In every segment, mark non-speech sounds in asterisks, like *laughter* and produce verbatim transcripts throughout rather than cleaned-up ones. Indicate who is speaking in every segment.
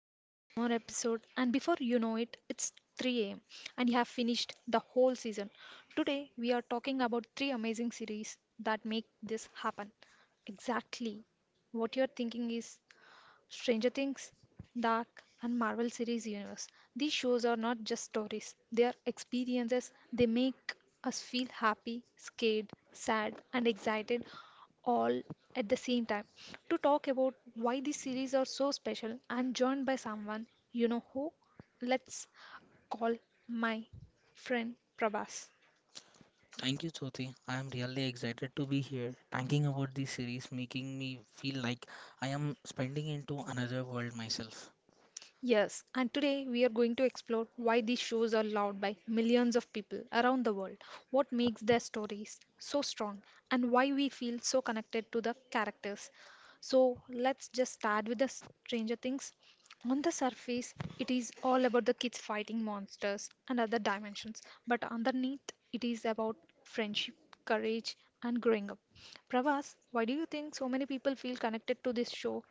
Speaker 1: just one more episode and before you know it, it's three a m and you have finished the whole season? Today we are talking about three amazing series that make this happen. Exactly what you're thinking is Stranger Things, Dark, and Marvel series universe. These shows are not just stories, they are experiences. They make us feel happy, scared, sad, and excited all at the same time. To talk about why these series are so special, I'm joined by someone you know who? Let's call my friend Prabhas.
Speaker 2: Thank you, Jyoti. I am really excited to be here, talking about this series, making me feel like I am spending into another world myself.
Speaker 1: Yes, and today we are going to explore why these shows are loved by millions of people around the world, what makes their stories so strong, and why we feel so connected to the characters. So, let's just start with the Stranger Things. On the surface, it is all about the kids fighting monsters and other dimensions, but underneath, it is about friendship, courage, and growing up. Pravas, why do you think so many people feel connected to this show?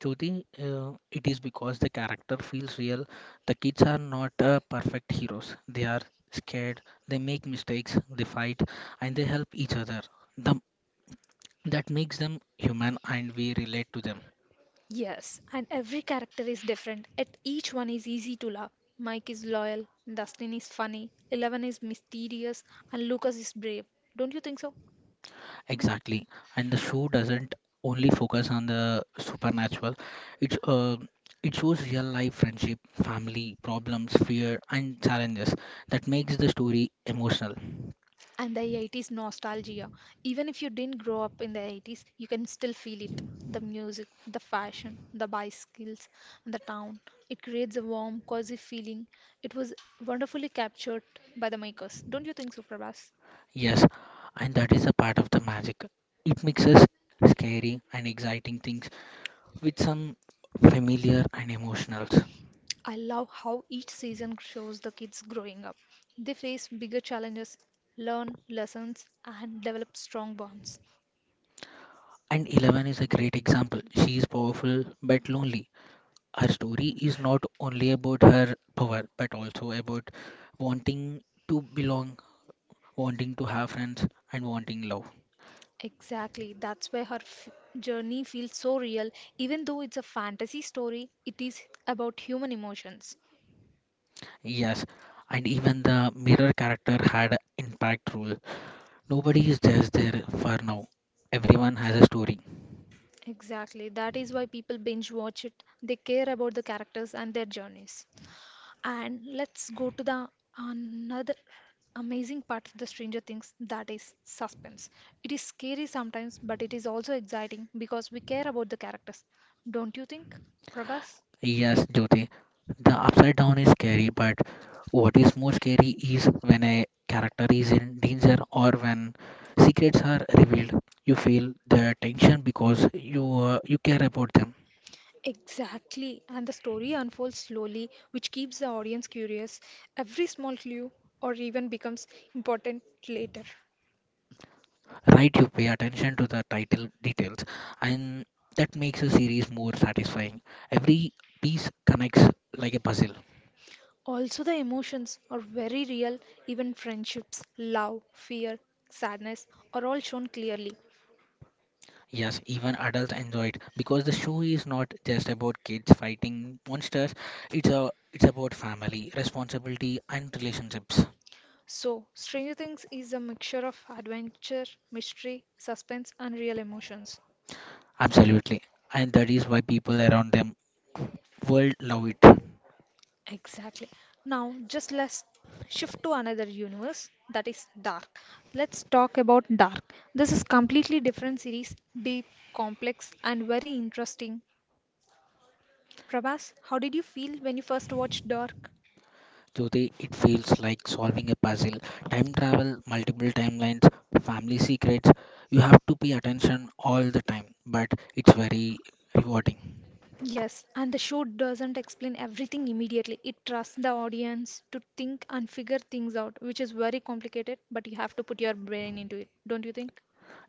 Speaker 2: Jyoti, uh, it is because the character feels real. The kids are not uh, perfect heroes. They are scared, they make mistakes, they fight, and they help each other. The, that makes them human, and we relate to them.
Speaker 1: Yes, and every character is different, yet each one is easy to love. Mike is loyal, Dustin is funny, Eleven is mysterious, and Lucas is brave. Don't you think so?
Speaker 2: Exactly. And the show doesn't only focus on the supernatural. It's uh, it shows real life friendship, family, problems, fear and challenges that makes the story emotional.
Speaker 1: And the eighties nostalgia. Even if you didn't grow up in the eighties, you can still feel it. The music, the fashion, the bicycles, and the town. It creates a warm, cozy feeling. It was wonderfully captured by the makers. Don't you think so, Prabhas?
Speaker 2: Yes, and that is a part of the magic. It mixes scary and exciting things with some familiar and emotionals.
Speaker 1: I love how each season shows the kids growing up. They face bigger challenges, learn lessons, and develop strong bonds.
Speaker 2: And Eleven is a great example. She is powerful but lonely. Her story is not only about her power but also about wanting to belong, wanting to have friends, and wanting love.
Speaker 1: Exactly, that's why her f- journey feels so real. Even though it's a fantasy story, it is about human emotions.
Speaker 2: Yes, and even the mirror character had an impact role. Nobody is just there for now. Everyone has a story.
Speaker 1: Exactly, that is why people binge watch it. They care about the characters and their journeys. And let's go to the another amazing part of the Stranger Things that is suspense. It is scary sometimes, but it is also exciting because we care about the characters. Don't you think, Prabhas?
Speaker 2: Yes, Jyoti, the upside down is scary, but what is more scary is when a character is in danger or when secrets are revealed. You feel the tension because you uh, you care about them.
Speaker 1: Exactly, and the story unfolds slowly, which keeps the audience curious. Every small clue or even becomes important later.
Speaker 2: Right, you pay attention to the title details and that makes a series more satisfying. Every piece connects like a puzzle.
Speaker 1: Also, the emotions are very real, even friendships, love, fear, sadness are all shown clearly.
Speaker 2: Yes, even adults enjoy it because the show is not just about kids fighting monsters. It's a it's about family responsibility and relationships.
Speaker 1: So, Stranger Things is a mixture of adventure, mystery, suspense, and real emotions.
Speaker 2: Absolutely, and that is why people around them world love it.
Speaker 1: Exactly. Now, just let's shift to another universe that is Dark. Let's talk about Dark. This is completely different series, deep, complex, and very interesting. Prabhas, how did you feel when you first watched Dark?
Speaker 2: Jyoti, it feels like solving a puzzle. Time travel, multiple timelines, family secrets. You have to pay attention all the time, but it's very rewarding.
Speaker 1: Yes, and the show doesn't explain everything immediately. It trusts the audience to think and figure things out, which is very complicated, but you have to put your brain into it, don't you think?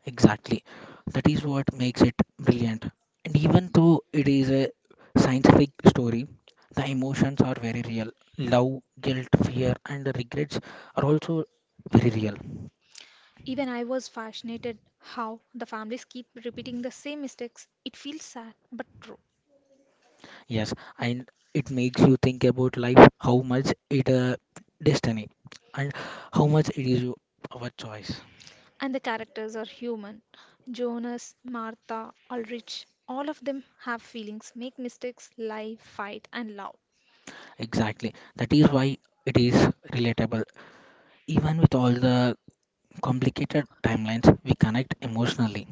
Speaker 2: Exactly. That is what makes it brilliant. And even though it is a scientific story, the emotions are very real. Love, guilt, fear, and regrets are also very real.
Speaker 1: Even I was fascinated how the families keep repeating the same mistakes. It feels sad, but true.
Speaker 2: Yes, and it makes you think about life, how much it uh, destiny, and how much it is you- our choice.
Speaker 1: And the characters are human. Jonas, Martha, Ulrich, all of them have feelings, make mistakes, lie, fight, and love.
Speaker 2: Exactly. That is why it is relatable. Even with all the complicated timelines, we connect emotionally.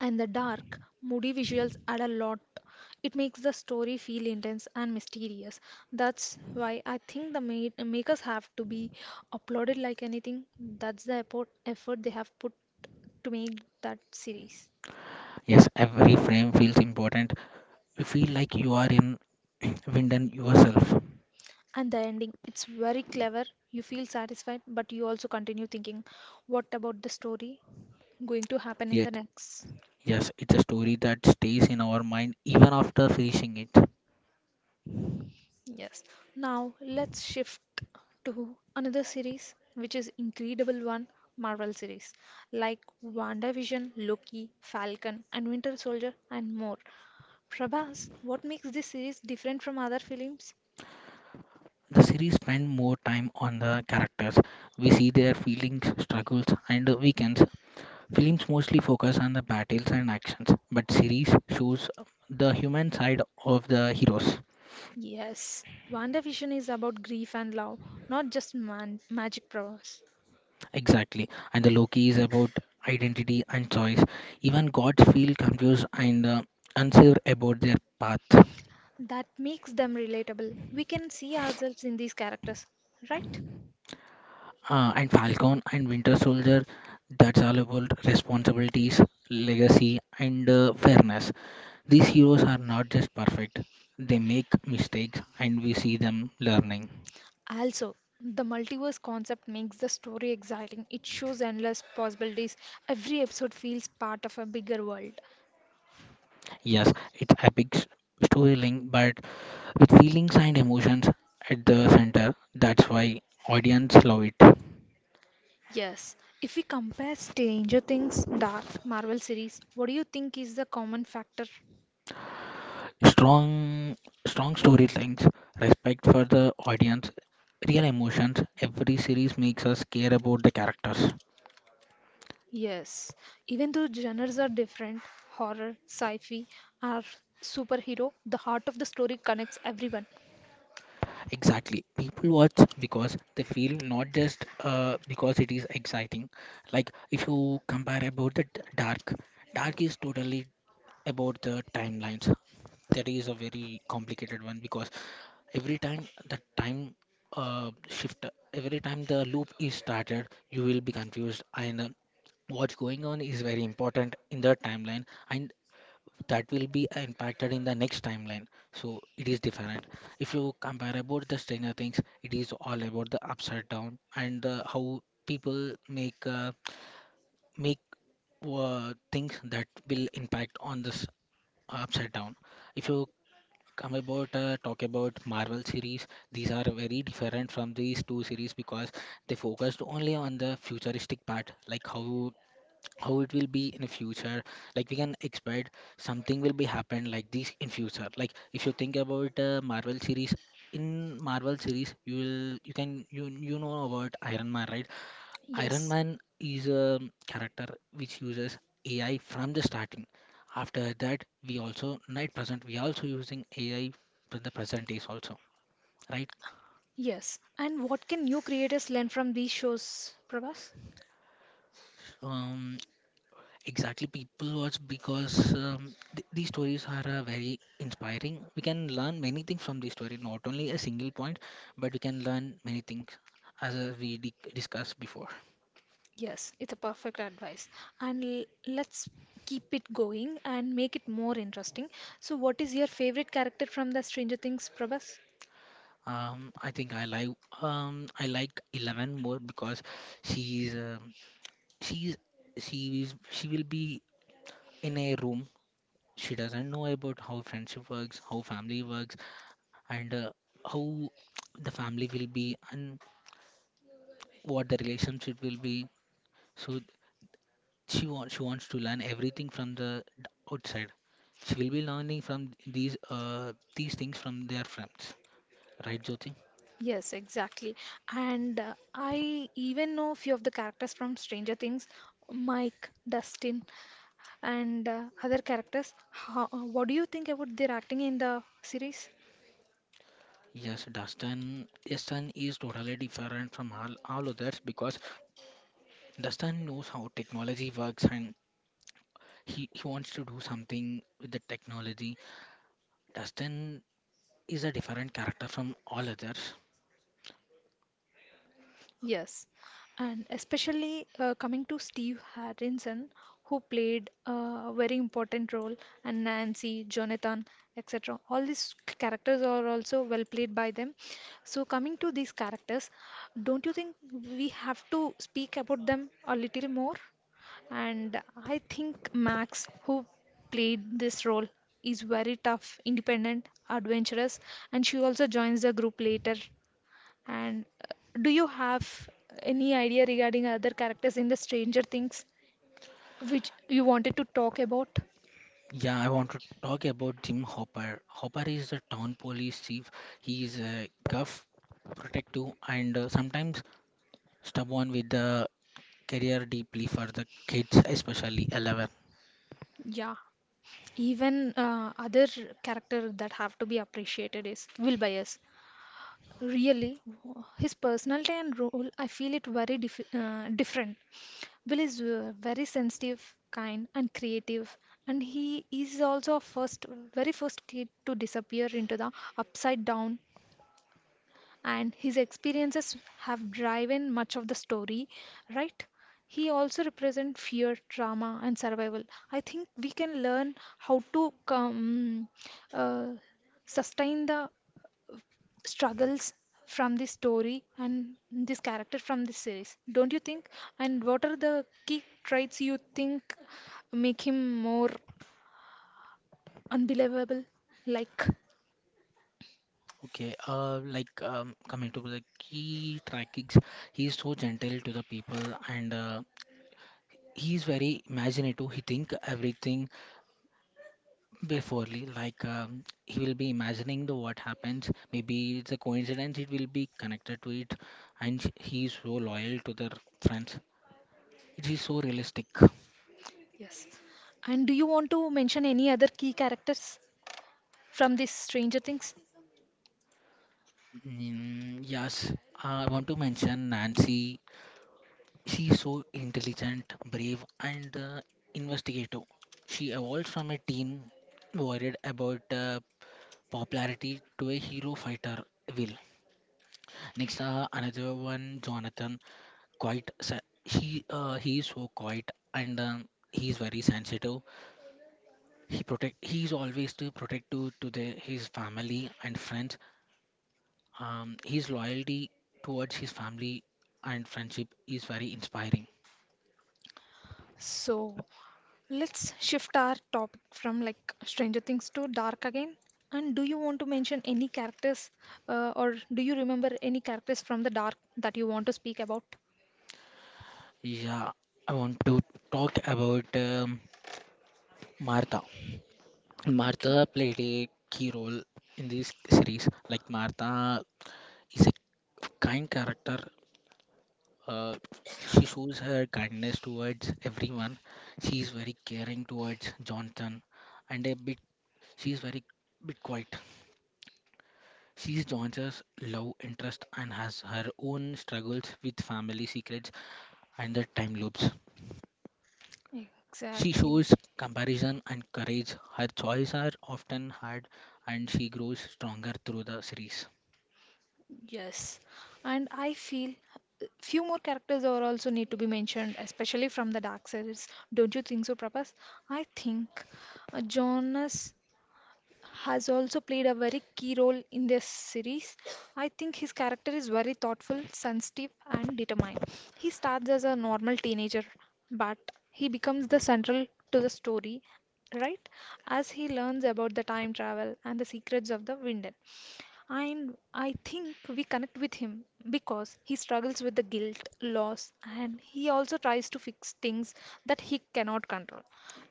Speaker 1: And the dark, moody visuals add a lot. It makes the story feel intense and mysterious. That's why I think the ma- makers have to be applauded like anything. That's the effort, effort they have put to make that series.
Speaker 2: Yes, every frame feels important. You feel like you are in *clears throat* Winden yourself.
Speaker 1: And the ending, it's very clever. You feel satisfied, but you also continue thinking, what about the story going to happen in the
Speaker 2: Yet,
Speaker 1: next?
Speaker 2: yes, it's a story that stays in our mind even after finishing it.
Speaker 1: Yes. Now let's shift to another series, which is incredible one, Marvel series, like WandaVision, Loki, Falcon, and Winter Soldier, and more. Prabhas, what makes this series different from other films?
Speaker 2: The series spend more time on the characters. We see their feelings, struggles, and weekends. Films mostly focus on the battles and actions, but series shows the human side of the heroes.
Speaker 1: Yes, WandaVision is about grief and love, not just man- magic powers.
Speaker 2: Exactly. And the Loki is about identity and choice. Even gods feel confused and uh, unsure about their path.
Speaker 1: That makes them relatable. We can see ourselves in these characters, right?
Speaker 2: Uh, and Falcon and Winter Soldier, that's all about responsibilities, legacy, and uh, fairness. These heroes are not just perfect, they make mistakes, and we see them learning.
Speaker 1: Also, the multiverse concept makes the story exciting. It shows endless possibilities. Every episode feels part of a bigger world.
Speaker 2: Yes, it's epic s- storytelling, but with feelings and emotions at the center. That's why audience love it.
Speaker 1: Yes, if we compare Stranger Things Dark Marvel series, what do you think is the common factor?
Speaker 2: Strong, strong storylines, respect for the audience, real emotions. Every series makes us care about the characters.
Speaker 1: Yes, even though genres are different, horror, sci-fi, or superhero, the heart of the story connects everyone.
Speaker 2: Exactly. People watch because they feel not just uh, because it is exciting. Like if you compare about the d- dark, dark is totally about the timelines. That is a very complicated one because every time the time uh, shift, every time the loop is started, you will be confused and uh, what's going on is very important in the timeline, and that will be impacted in the next timeline. So it is different. If you compare about the stranger things, it is all about the upside down and uh, how people make uh, make uh, things that will impact on this upside down. If you come about uh, talk about marvel series, these are very different from these two series because they focused only on the futuristic part, like how how it will be in the future, like we can expect something will be happen like this in future. Like if you think about uh, marvel series, in marvel series you will you can you you know about iron man, right? Iron
Speaker 1: Yes,
Speaker 2: man is a character which uses AI from the starting. After that we also right present we also using AI for the present days also, right?
Speaker 1: yes. And what can new creators learn from these shows, Prabhas?
Speaker 2: um Exactly, people watch because um, th these stories are uh, very inspiring. We can learn many things from this story, not only a single point, but we can learn many things as uh, we di discussed before.
Speaker 1: Yes, it's a perfect advice. And l- let's keep it going and make it more interesting. So, what is your favorite character from the Stranger Things, Prabhas?
Speaker 2: Um, I think I like um, I like Eleven more because she's um, she's she is she will be in a room. She doesn't know about how friendship works, how family works, and uh, how the family will be and what the relationship will be. So She wants she wants to learn everything from the d- outside. She will be learning from these uh these things from their friends, right, Jyoti?
Speaker 1: Yes, exactly. And uh, I even know a few of the characters from Stranger Things, Mike, Dustin, and uh, other characters. How, uh, what do you think about their acting in the series?
Speaker 2: Yes, Dustin. Dustin is totally different from all, all others because Dustin knows how technology works and he, he wants to do something with the technology. Dustin is a different character from all others.
Speaker 1: Yes, and especially uh, coming to Steve Harrison, who played uh, a very important role, and Nancy, Jonathan, et cetera. All these characters are also well played by them. So, coming to these characters, don't you think we have to speak about them a little more? And I think Max, who played this role, is very tough, independent, adventurous, and she also joins the group later and uh, do you have any idea regarding other characters in the Stranger Things which you wanted to talk about?
Speaker 2: Yeah, I want to talk about Jim Hopper. Hopper is a town police chief. He is a gruff, protective, and uh, sometimes someone with the career deeply for the kids, especially eleven.
Speaker 1: Yeah, even uh, other character that have to be appreciated is Will Byers. Really, his personality and role, I feel it very dif uh, different. Will is uh, very sensitive, kind, and creative, and he is also a first, very first kid to disappear into the upside down and his experiences have driven much of the story, right? He also represents fear, trauma, and survival. I think we can learn how to come, uh, sustain the struggles from this story and this character from this series. Don't you think? And what are the key traits you think make him more unbelievable? Like,
Speaker 2: Okay, uh, like um, coming to the key trackings, he is so gentle to the people and uh, he is very imaginative. He think everything beforely, like um, he will be imagining the what happens. Maybe it's a coincidence. It will be connected to it, and he is so loyal to their friends. It is so realistic.
Speaker 1: yes. And do you want to mention any other key characters from this Stranger Things?
Speaker 2: Mm, yes, uh, I want to mention Nancy. She's so intelligent, brave, and uh, investigative. She evolved from a teen worried about uh, popularity to a hero fighter, Will. Next, uh, another one, Jonathan. Quite, sa- she, uh, he is so quiet and um, he is very sensitive. He protect, he is always to protective to the, his family and friends. Um, his loyalty towards his family and friendship is very inspiring.
Speaker 1: So let's shift our topic from like Stranger Things to dark again. And do you want to mention any characters uh, or do you remember any characters from the dark that you want to speak about?
Speaker 2: Yeah, I want to talk about um, Martha.
Speaker 1: Okay,
Speaker 2: Martha played a key role in this series. Like Martha is a kind character. Uh, she shows her kindness towards everyone. She is very caring towards Jonathan, and a bit she is very bit quiet. She is Jonathan's love interest and has her own struggles with family secrets and the time loops. She
Speaker 1: exactly.
Speaker 2: shows comparison and courage. Her choices are often hard, and she grows stronger through the series.
Speaker 1: Yes. And I feel uh, few more characters are also need to be mentioned, especially from the dark series. Don't you think so, Prabhas? I think uh, Jonas has also played a very key role in this series. I think his character is very thoughtful, sensitive, and determined. He starts as a normal teenager, but he becomes the central to the story, right? As he learns about the time travel and the secrets of the Winden. And I think we connect with him because he struggles with the guilt, loss, and he also tries to fix things that he cannot control.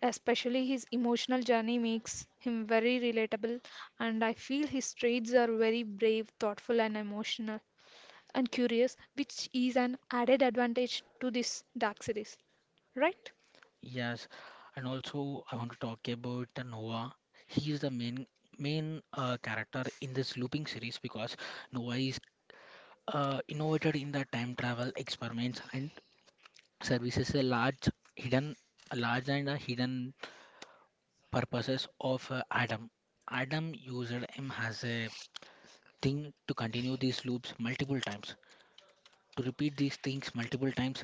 Speaker 1: Especially his emotional journey makes him very relatable, and I feel his traits are very brave, thoughtful, and emotional and curious, which is an added advantage to this dark series. Right?
Speaker 2: Yes, and also I want to talk about the Noah. He is the main main uh, character in this looping series because Noah is uh, innovated in the time travel experiments and services a large hidden a large and a hidden purposes of uh, Adam. Adam used him as a thing to continue these loops multiple times. To repeat these things multiple times.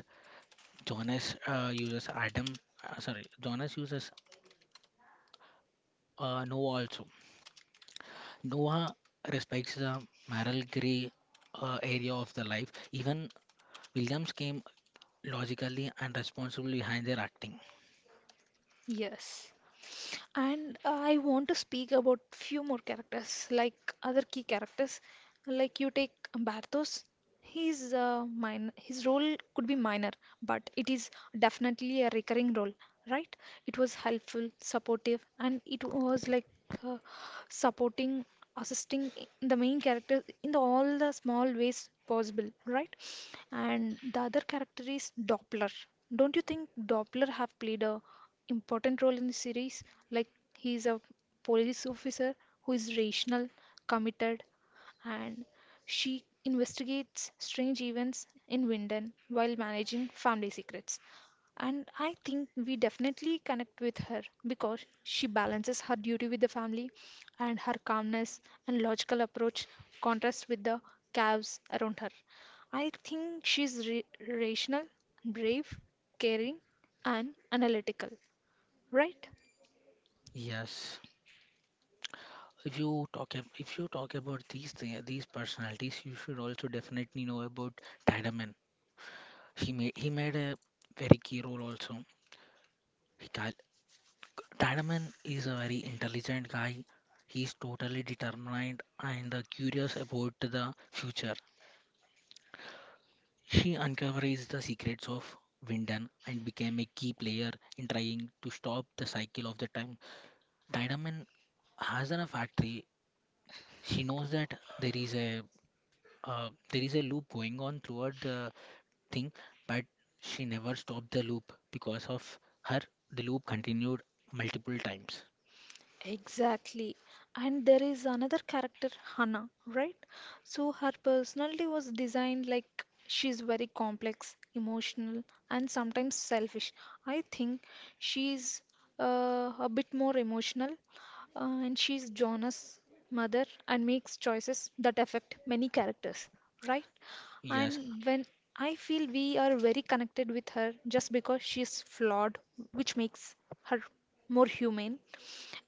Speaker 2: Jonas uh, uses Adam, uh, sorry, Jonas uses uh, Noah also. Noah respects the moral gray uh, area of the life. Even Williams came logically and responsibly behind their acting.
Speaker 1: Yes. And uh, I want to speak about few more characters, like other key characters. Like you take Bartos, he's uh, min his role could be minor, but it is definitely a recurring role, right? It was helpful, supportive, and it was like uh, supporting, assisting the main character in the, all the small ways possible, right? And the other character is Doppler. Don't you think Doppler have played a important role in the series. Like he is a police officer who is rational, committed, and she investigates strange events in Winden while managing family secrets. And I think we definitely connect with her because she balances her duty with the family and her calmness and logical approach contrasts with the calves around her. I think she's ra- rational, brave, caring, and analytical right?
Speaker 2: Yes. If you talk ab- if you talk about these thi- these personalities, you should also definitely know about Tiedemann. He made he made a very key role also. He cal Tadaman is a very intelligent guy. He's totally determined and uh, curious about the future. She uncovers the secrets of Winden and became a key player in trying to stop the cycle of the time. Tadaman has a factory. She knows that there is a uh, there is a loop going on throughout the thing, but she never stopped the loop because of her. The loop continued multiple times.
Speaker 1: Exactly. And there is another character, Hannah, right? So her personality was designed like she's very complex, emotional, and sometimes selfish. I think she's uh, a bit more emotional, uh, and she's Jonah's mother and makes choices that affect many characters, right?
Speaker 2: Yes,
Speaker 1: and when I feel we are very connected with her just because she's flawed, which makes her more humane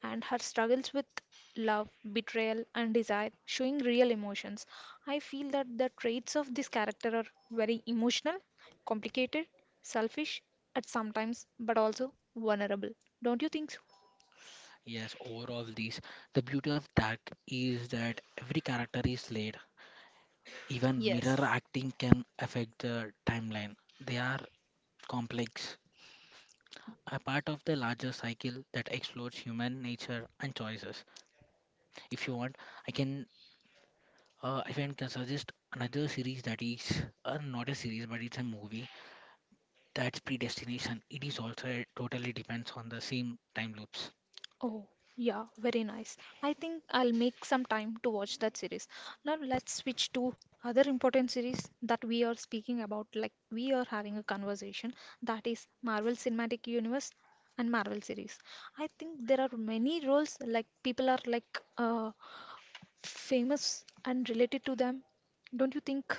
Speaker 1: and her struggles with love, betrayal, and desire, showing real emotions. I feel that the traits of this character are very emotional, complicated, selfish at sometimes, but also vulnerable. Don't you think so?
Speaker 2: Yes, overall these. The beauty of that is that every character is laid. Even mirror
Speaker 1: Yes,
Speaker 2: acting can affect the timeline. They are complex, a part of the larger cycle that explores human nature and choices. If you want, I can uh, if I can suggest another series that is uh, not a series but it's a movie. That's Predestination. It is also totally depends on the same time loops.
Speaker 1: Oh, yeah, very nice. I think I'll make some time to watch that series. Now let's switch to other important series that we are speaking about, like we are having a conversation, that is Marvel Cinematic Universe and Marvel series. I think there are many roles like people are like uh, famous and related to them. Don't you think?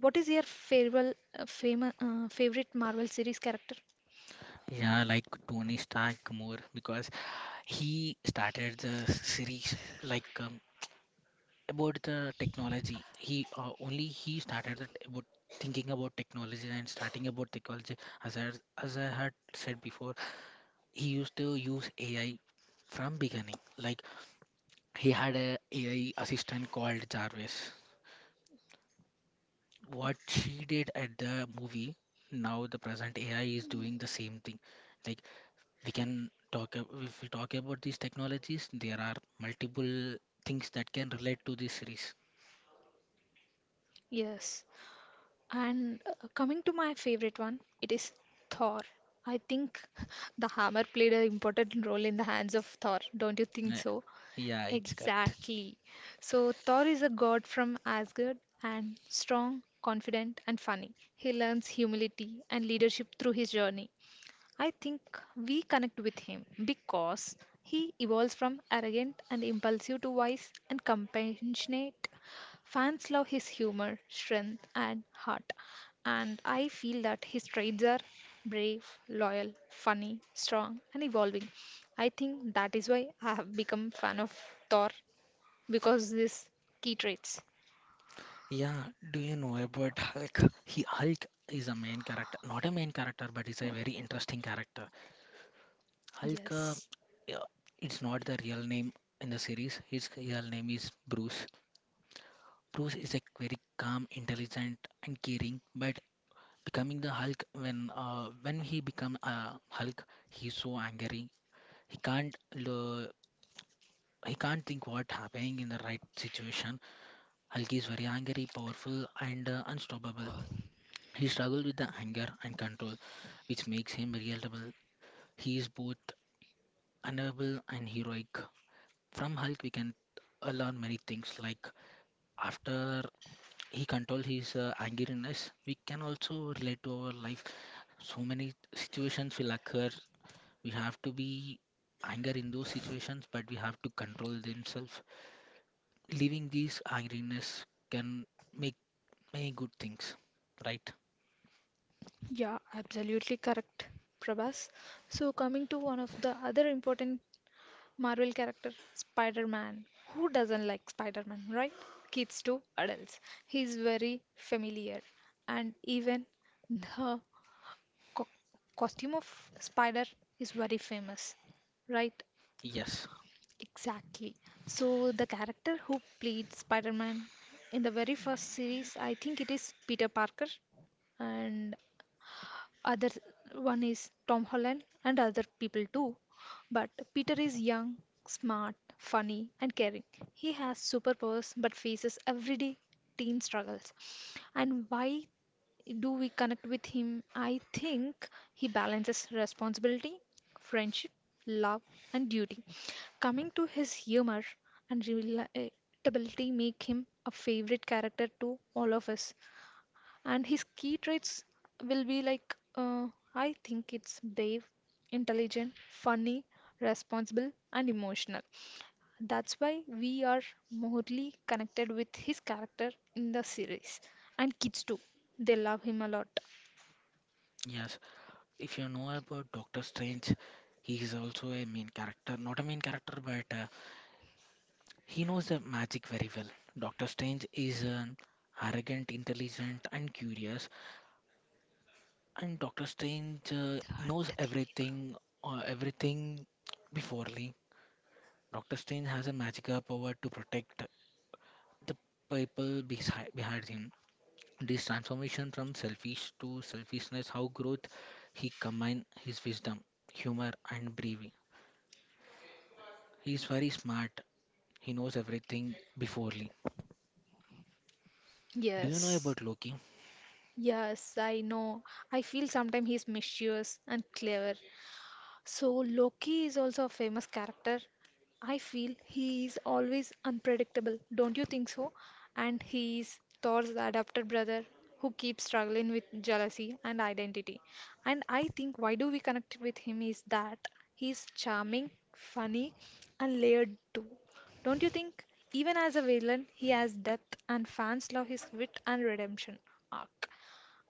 Speaker 1: What is your farewell, uh, fam uh, favorite Marvel series character?
Speaker 2: Yeah, like Tony Stark more because he started the series like um, about the technology. He uh, only he started the, t- about thinking about technology and starting about technology. As I, as I had said before, he used to use A I from beginning. Like he had a AI assistant called Jarvis.
Speaker 1: Oh,
Speaker 2: What she did at the movie, now the present A I is doing the same thing. Like we can talk ab- if we talk about these technologies, there are multiple things that can relate to this series.
Speaker 1: yes. And uh, coming to my favorite one, it is Thor. I think *laughs* the hammer played an important role in the hands of Thor, don't you think
Speaker 2: Uh,
Speaker 1: so?
Speaker 2: yeah, it's correct.
Speaker 1: Exactly. So, Thor is a god from Asgard and strong, confident, and funny. He learns humility and leadership through his journey. I think we connect with him because he evolves from arrogant and impulsive to wise and compassionate. Fans love his humor, strength, and heart. And I feel that his traits are brave, loyal, funny, strong, and evolving. I think that is why I have become fan of Thor because these key traits.
Speaker 2: Yeah, do you know about hulk? He hulk is a main character not a main character but he's
Speaker 1: Oh,
Speaker 2: a very interesting character. Hulk uh,
Speaker 1: yes.
Speaker 2: yeah, it's not the real name. In the series his real name is bruce. Bruce is a very calm, intelligent and caring, but becoming the hulk when uh, when he become a hulk, he's so angry. He can't lo- he can't think what happening in the right situation. Hulk is very angry, powerful, and uh, unstoppable. He struggles with the anger and control, which makes him relatable. He is both unavailable and heroic. From Hulk, we can uh, learn many things. Like after he controls his uh, angeriness, we can also relate to our life. So many situations will occur. We have to be anger in those situations, but we have to control themselves. Leaving these ironies can make many good things, right?
Speaker 1: Yeah, absolutely correct, Prabhas. So, coming to one of the other important Marvel character Spider Man. Who doesn't like Spider Man, right? Kids to adults. He's very familiar. And even the co- costume of Spider is very famous, right?
Speaker 2: Yes,
Speaker 1: Exactly. So, the character who played Spider Man in the very first series, I think it is Peter Parker. And other one is Tom Holland and other people too. But Peter is young, smart, funny, and caring. He has superpowers but faces everyday teen struggles. And why do we connect with him? I think he balances responsibility, friendship, love, and duty. Coming to his humor and relatability make him a favorite character to all of us. And his key traits will be like uh, I think it's brave, intelligent, funny, responsible, and emotional. That's why we are morely connected with his character in the series. And kids too, they love him a lot.
Speaker 2: yes. If you know about Doctor Strange, he is also a main character. Not a main character, but uh, he knows the magic very well. Doctor Strange is an arrogant, intelligent, and curious, and Doctor Strange uh, knows everything, uh, everything beforely. Doctor Strange has a magical power to protect the people beside behind him. This transformation from selfish to selfishness, how growth he combined his wisdom, humor, and bravery. He is very smart. He knows everything beforely. Do you know
Speaker 1: Yes.
Speaker 2: about Loki?
Speaker 1: Yes, I know. I feel sometimes he's mischievous and clever. So Loki is also a famous character. I feel he is always unpredictable, don't you think so? And he is Thor's adopted brother who keeps struggling with jealousy and identity. And I think why do we connect with him is that he is charming, funny, and layered too. Don't you think? Even as a villain, he has depth, and fans love his wit and redemption arc.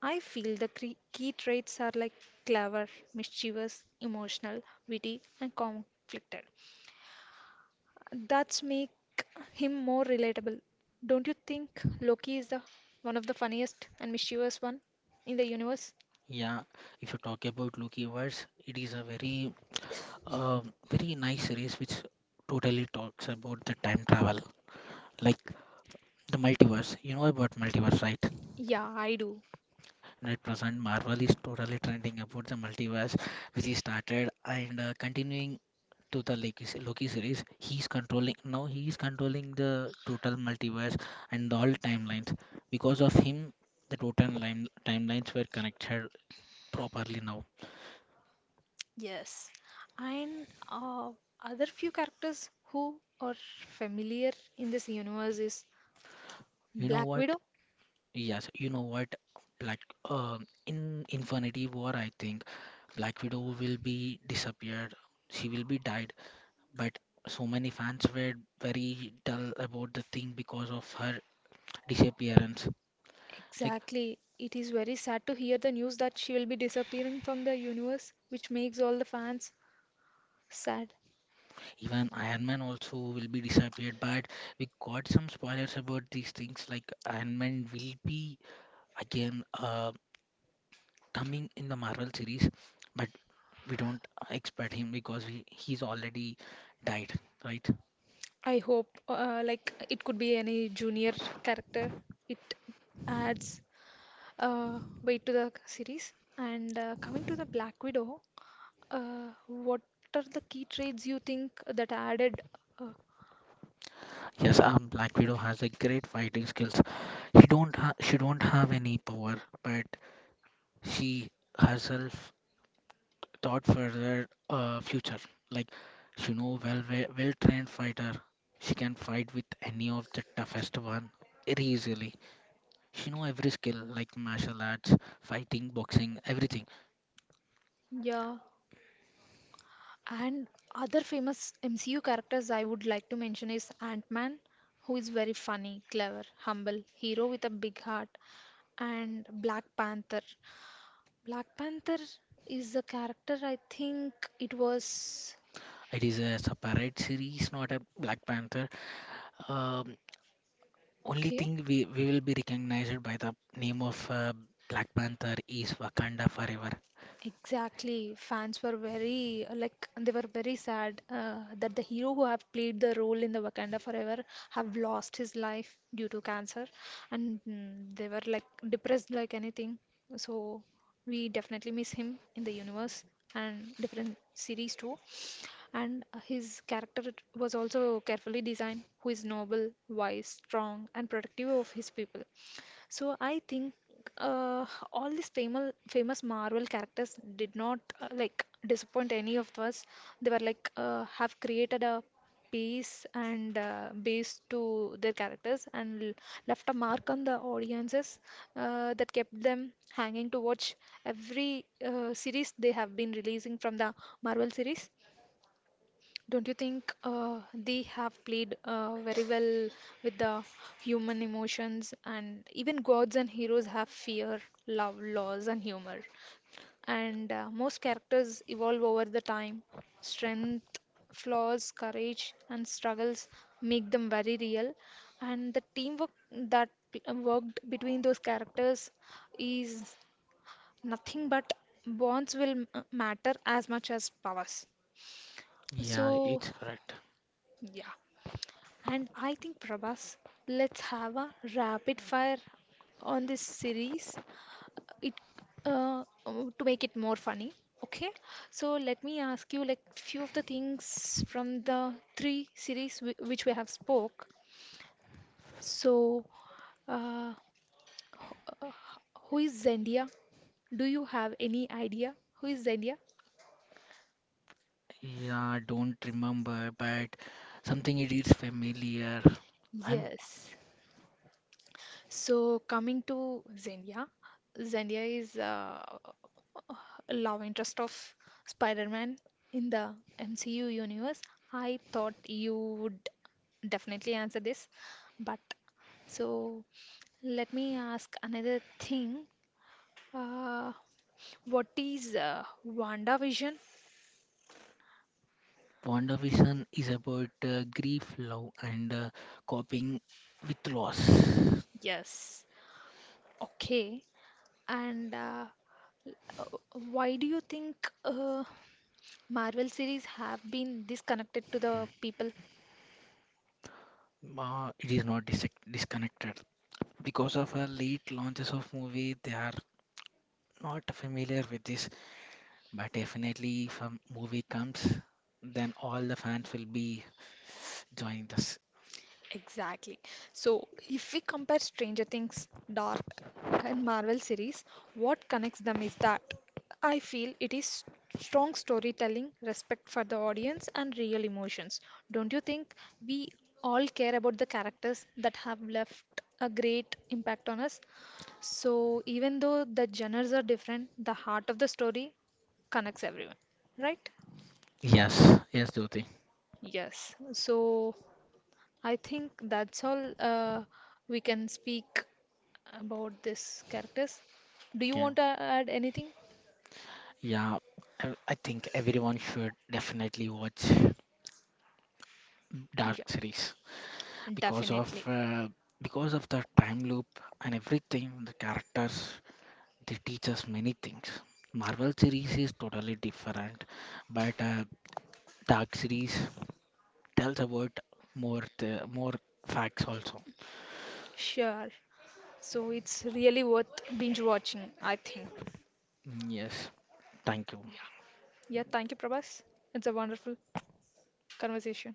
Speaker 1: I feel the cre- key traits are like clever, mischievous, emotional, witty, and conflicted. That's make him more relatable. Don't you think Loki is the one of the funniest and mischievous one in the universe?
Speaker 2: Yeah, if you talk about Loki verse, it is a very, uh, very nice series which totally talks about the time travel, like the multiverse. You know about multiverse, right?
Speaker 1: Yeah, I do.
Speaker 2: At present Marvel is totally trending about the multiverse, which he started and uh, continuing to the Loki, se- Loki series. He's controlling now. He is controlling the total multiverse and all timelines. Because of him, the total line, timelines were connected properly now.
Speaker 1: Yes. And uh, other few characters who are familiar in this universe is
Speaker 2: You know
Speaker 1: Black
Speaker 2: what?
Speaker 1: Widow.
Speaker 2: Yes, you know what? Black uh, in Infinity War, I think Black Widow will be disappeared. She will be died, but so many fans were very dull about the thing because of her disappearance. Like
Speaker 1: Exactly. It is very sad to hear the news that she will be disappearing from the universe, which makes all the fans sad.
Speaker 2: even Iron Man also will be disappeared, but we got some spoilers about these things. Like Iron Man will be again uh, coming in the Marvel series, but we don't expect him because he, he's already died, right?
Speaker 1: I hope, uh, like, it could be any junior character. It adds uh, weight to the series. And uh, coming to the Black Widow, uh, what are the key traits you think that added? Uh,
Speaker 2: Yes, um, Black Widow has a great fighting skills. He don't ha- she don't have any power, but she herself thought for their uh, future. Like she know well, well trained fighter. She can fight with any of the toughest one very easily. She know every skill like martial arts, fighting, boxing, everything.
Speaker 1: yeah. And other famous M C U characters I would like to mention is Ant-Man, who is very funny, clever, humble, hero with a big heart, and Black Panther. Black Panther is a character I think it was
Speaker 2: It is a separate series, not a Black Panther. Um, only
Speaker 1: okay.
Speaker 2: thing we, we will be recognized by the name of uh, Black Panther is Wakanda Forever.
Speaker 1: Exactly. Fans were very uh, like they were very sad uh, that the hero who have played the role in the Wakanda Forever have lost his life due to cancer, and mm, they were like depressed like anything. So we definitely miss him in the universe and different series too. And his character was also carefully designed, who is noble, wise, strong, and protective of his people. So I think uh, all these famous famous Marvel characters did not uh, like disappoint any of us. They were like uh, have created a piece and uh, base to their characters and l- left a mark on the audiences uh, that kept them hanging to watch every uh, series they have been releasing from the Marvel series. Don't you think uh, they have played uh, very well with the human emotions and even gods and heroes have fear, love, loss, and humor. And uh, most characters evolve over the time. Strength, flaws, courage, and struggles make them very real. And the teamwork that p- worked between those characters is nothing but bonds will m- matter as much as powers.
Speaker 2: Yeah,
Speaker 1: So,
Speaker 2: it's correct.
Speaker 1: yeah. And I think, Prabhas, let's have a rapid fire on this series. It uh, um, to make it more funny. Okay, so let me ask you like few of the things from the three series w which we have spoke. So, uh, who is Zendia? Do you have any idea who is Zendia?
Speaker 2: Yeah, I don't remember, but something it is familiar. I'm
Speaker 1: Yes. So coming to Zendia, Zendia is uh, love interest of Spider-Man in the M C U universe. I thought you would definitely answer this. But so let me ask another thing. Uh, what is uh, WandaVision?
Speaker 2: WandaVision is about uh, grief, love, and uh, coping with loss.
Speaker 1: Yes. Okay. And uh, uh, why do you think uh, Marvel series have been disconnected to the people?
Speaker 2: Uh, it is not dis- disconnected. Because of her late launches of movie, they are not familiar with this. But definitely, if a movie comes, then all the fans will be joining this.
Speaker 1: Exactly. So, if we compare Stranger Things, Dark, and Marvel series, what connects them is that I feel it is strong storytelling, respect for the audience, and real emotions. Don't you think we all care about the characters that have left a great impact on us? So, even though the genres are different, the heart of the story connects everyone, right?
Speaker 2: Yes, yes, Jyoti.
Speaker 1: Yes. So, I think that's all uh, we can speak about these characters. Do you
Speaker 2: Okay.
Speaker 1: want to add anything?
Speaker 2: Yeah, I, I think everyone should definitely watch
Speaker 1: Yeah,
Speaker 2: Dark series. Because
Speaker 1: definitely.
Speaker 2: of uh, because of the time loop and everything, the characters they teach us many things. Marvel series is totally different, but uh, dark series tells about more the more facts also.
Speaker 1: Sure. So it's really worth binge watching, I think.
Speaker 2: Mm, yes, thank you.
Speaker 1: Yeah. Yeah, thank you, Prabhas. It's a wonderful conversation.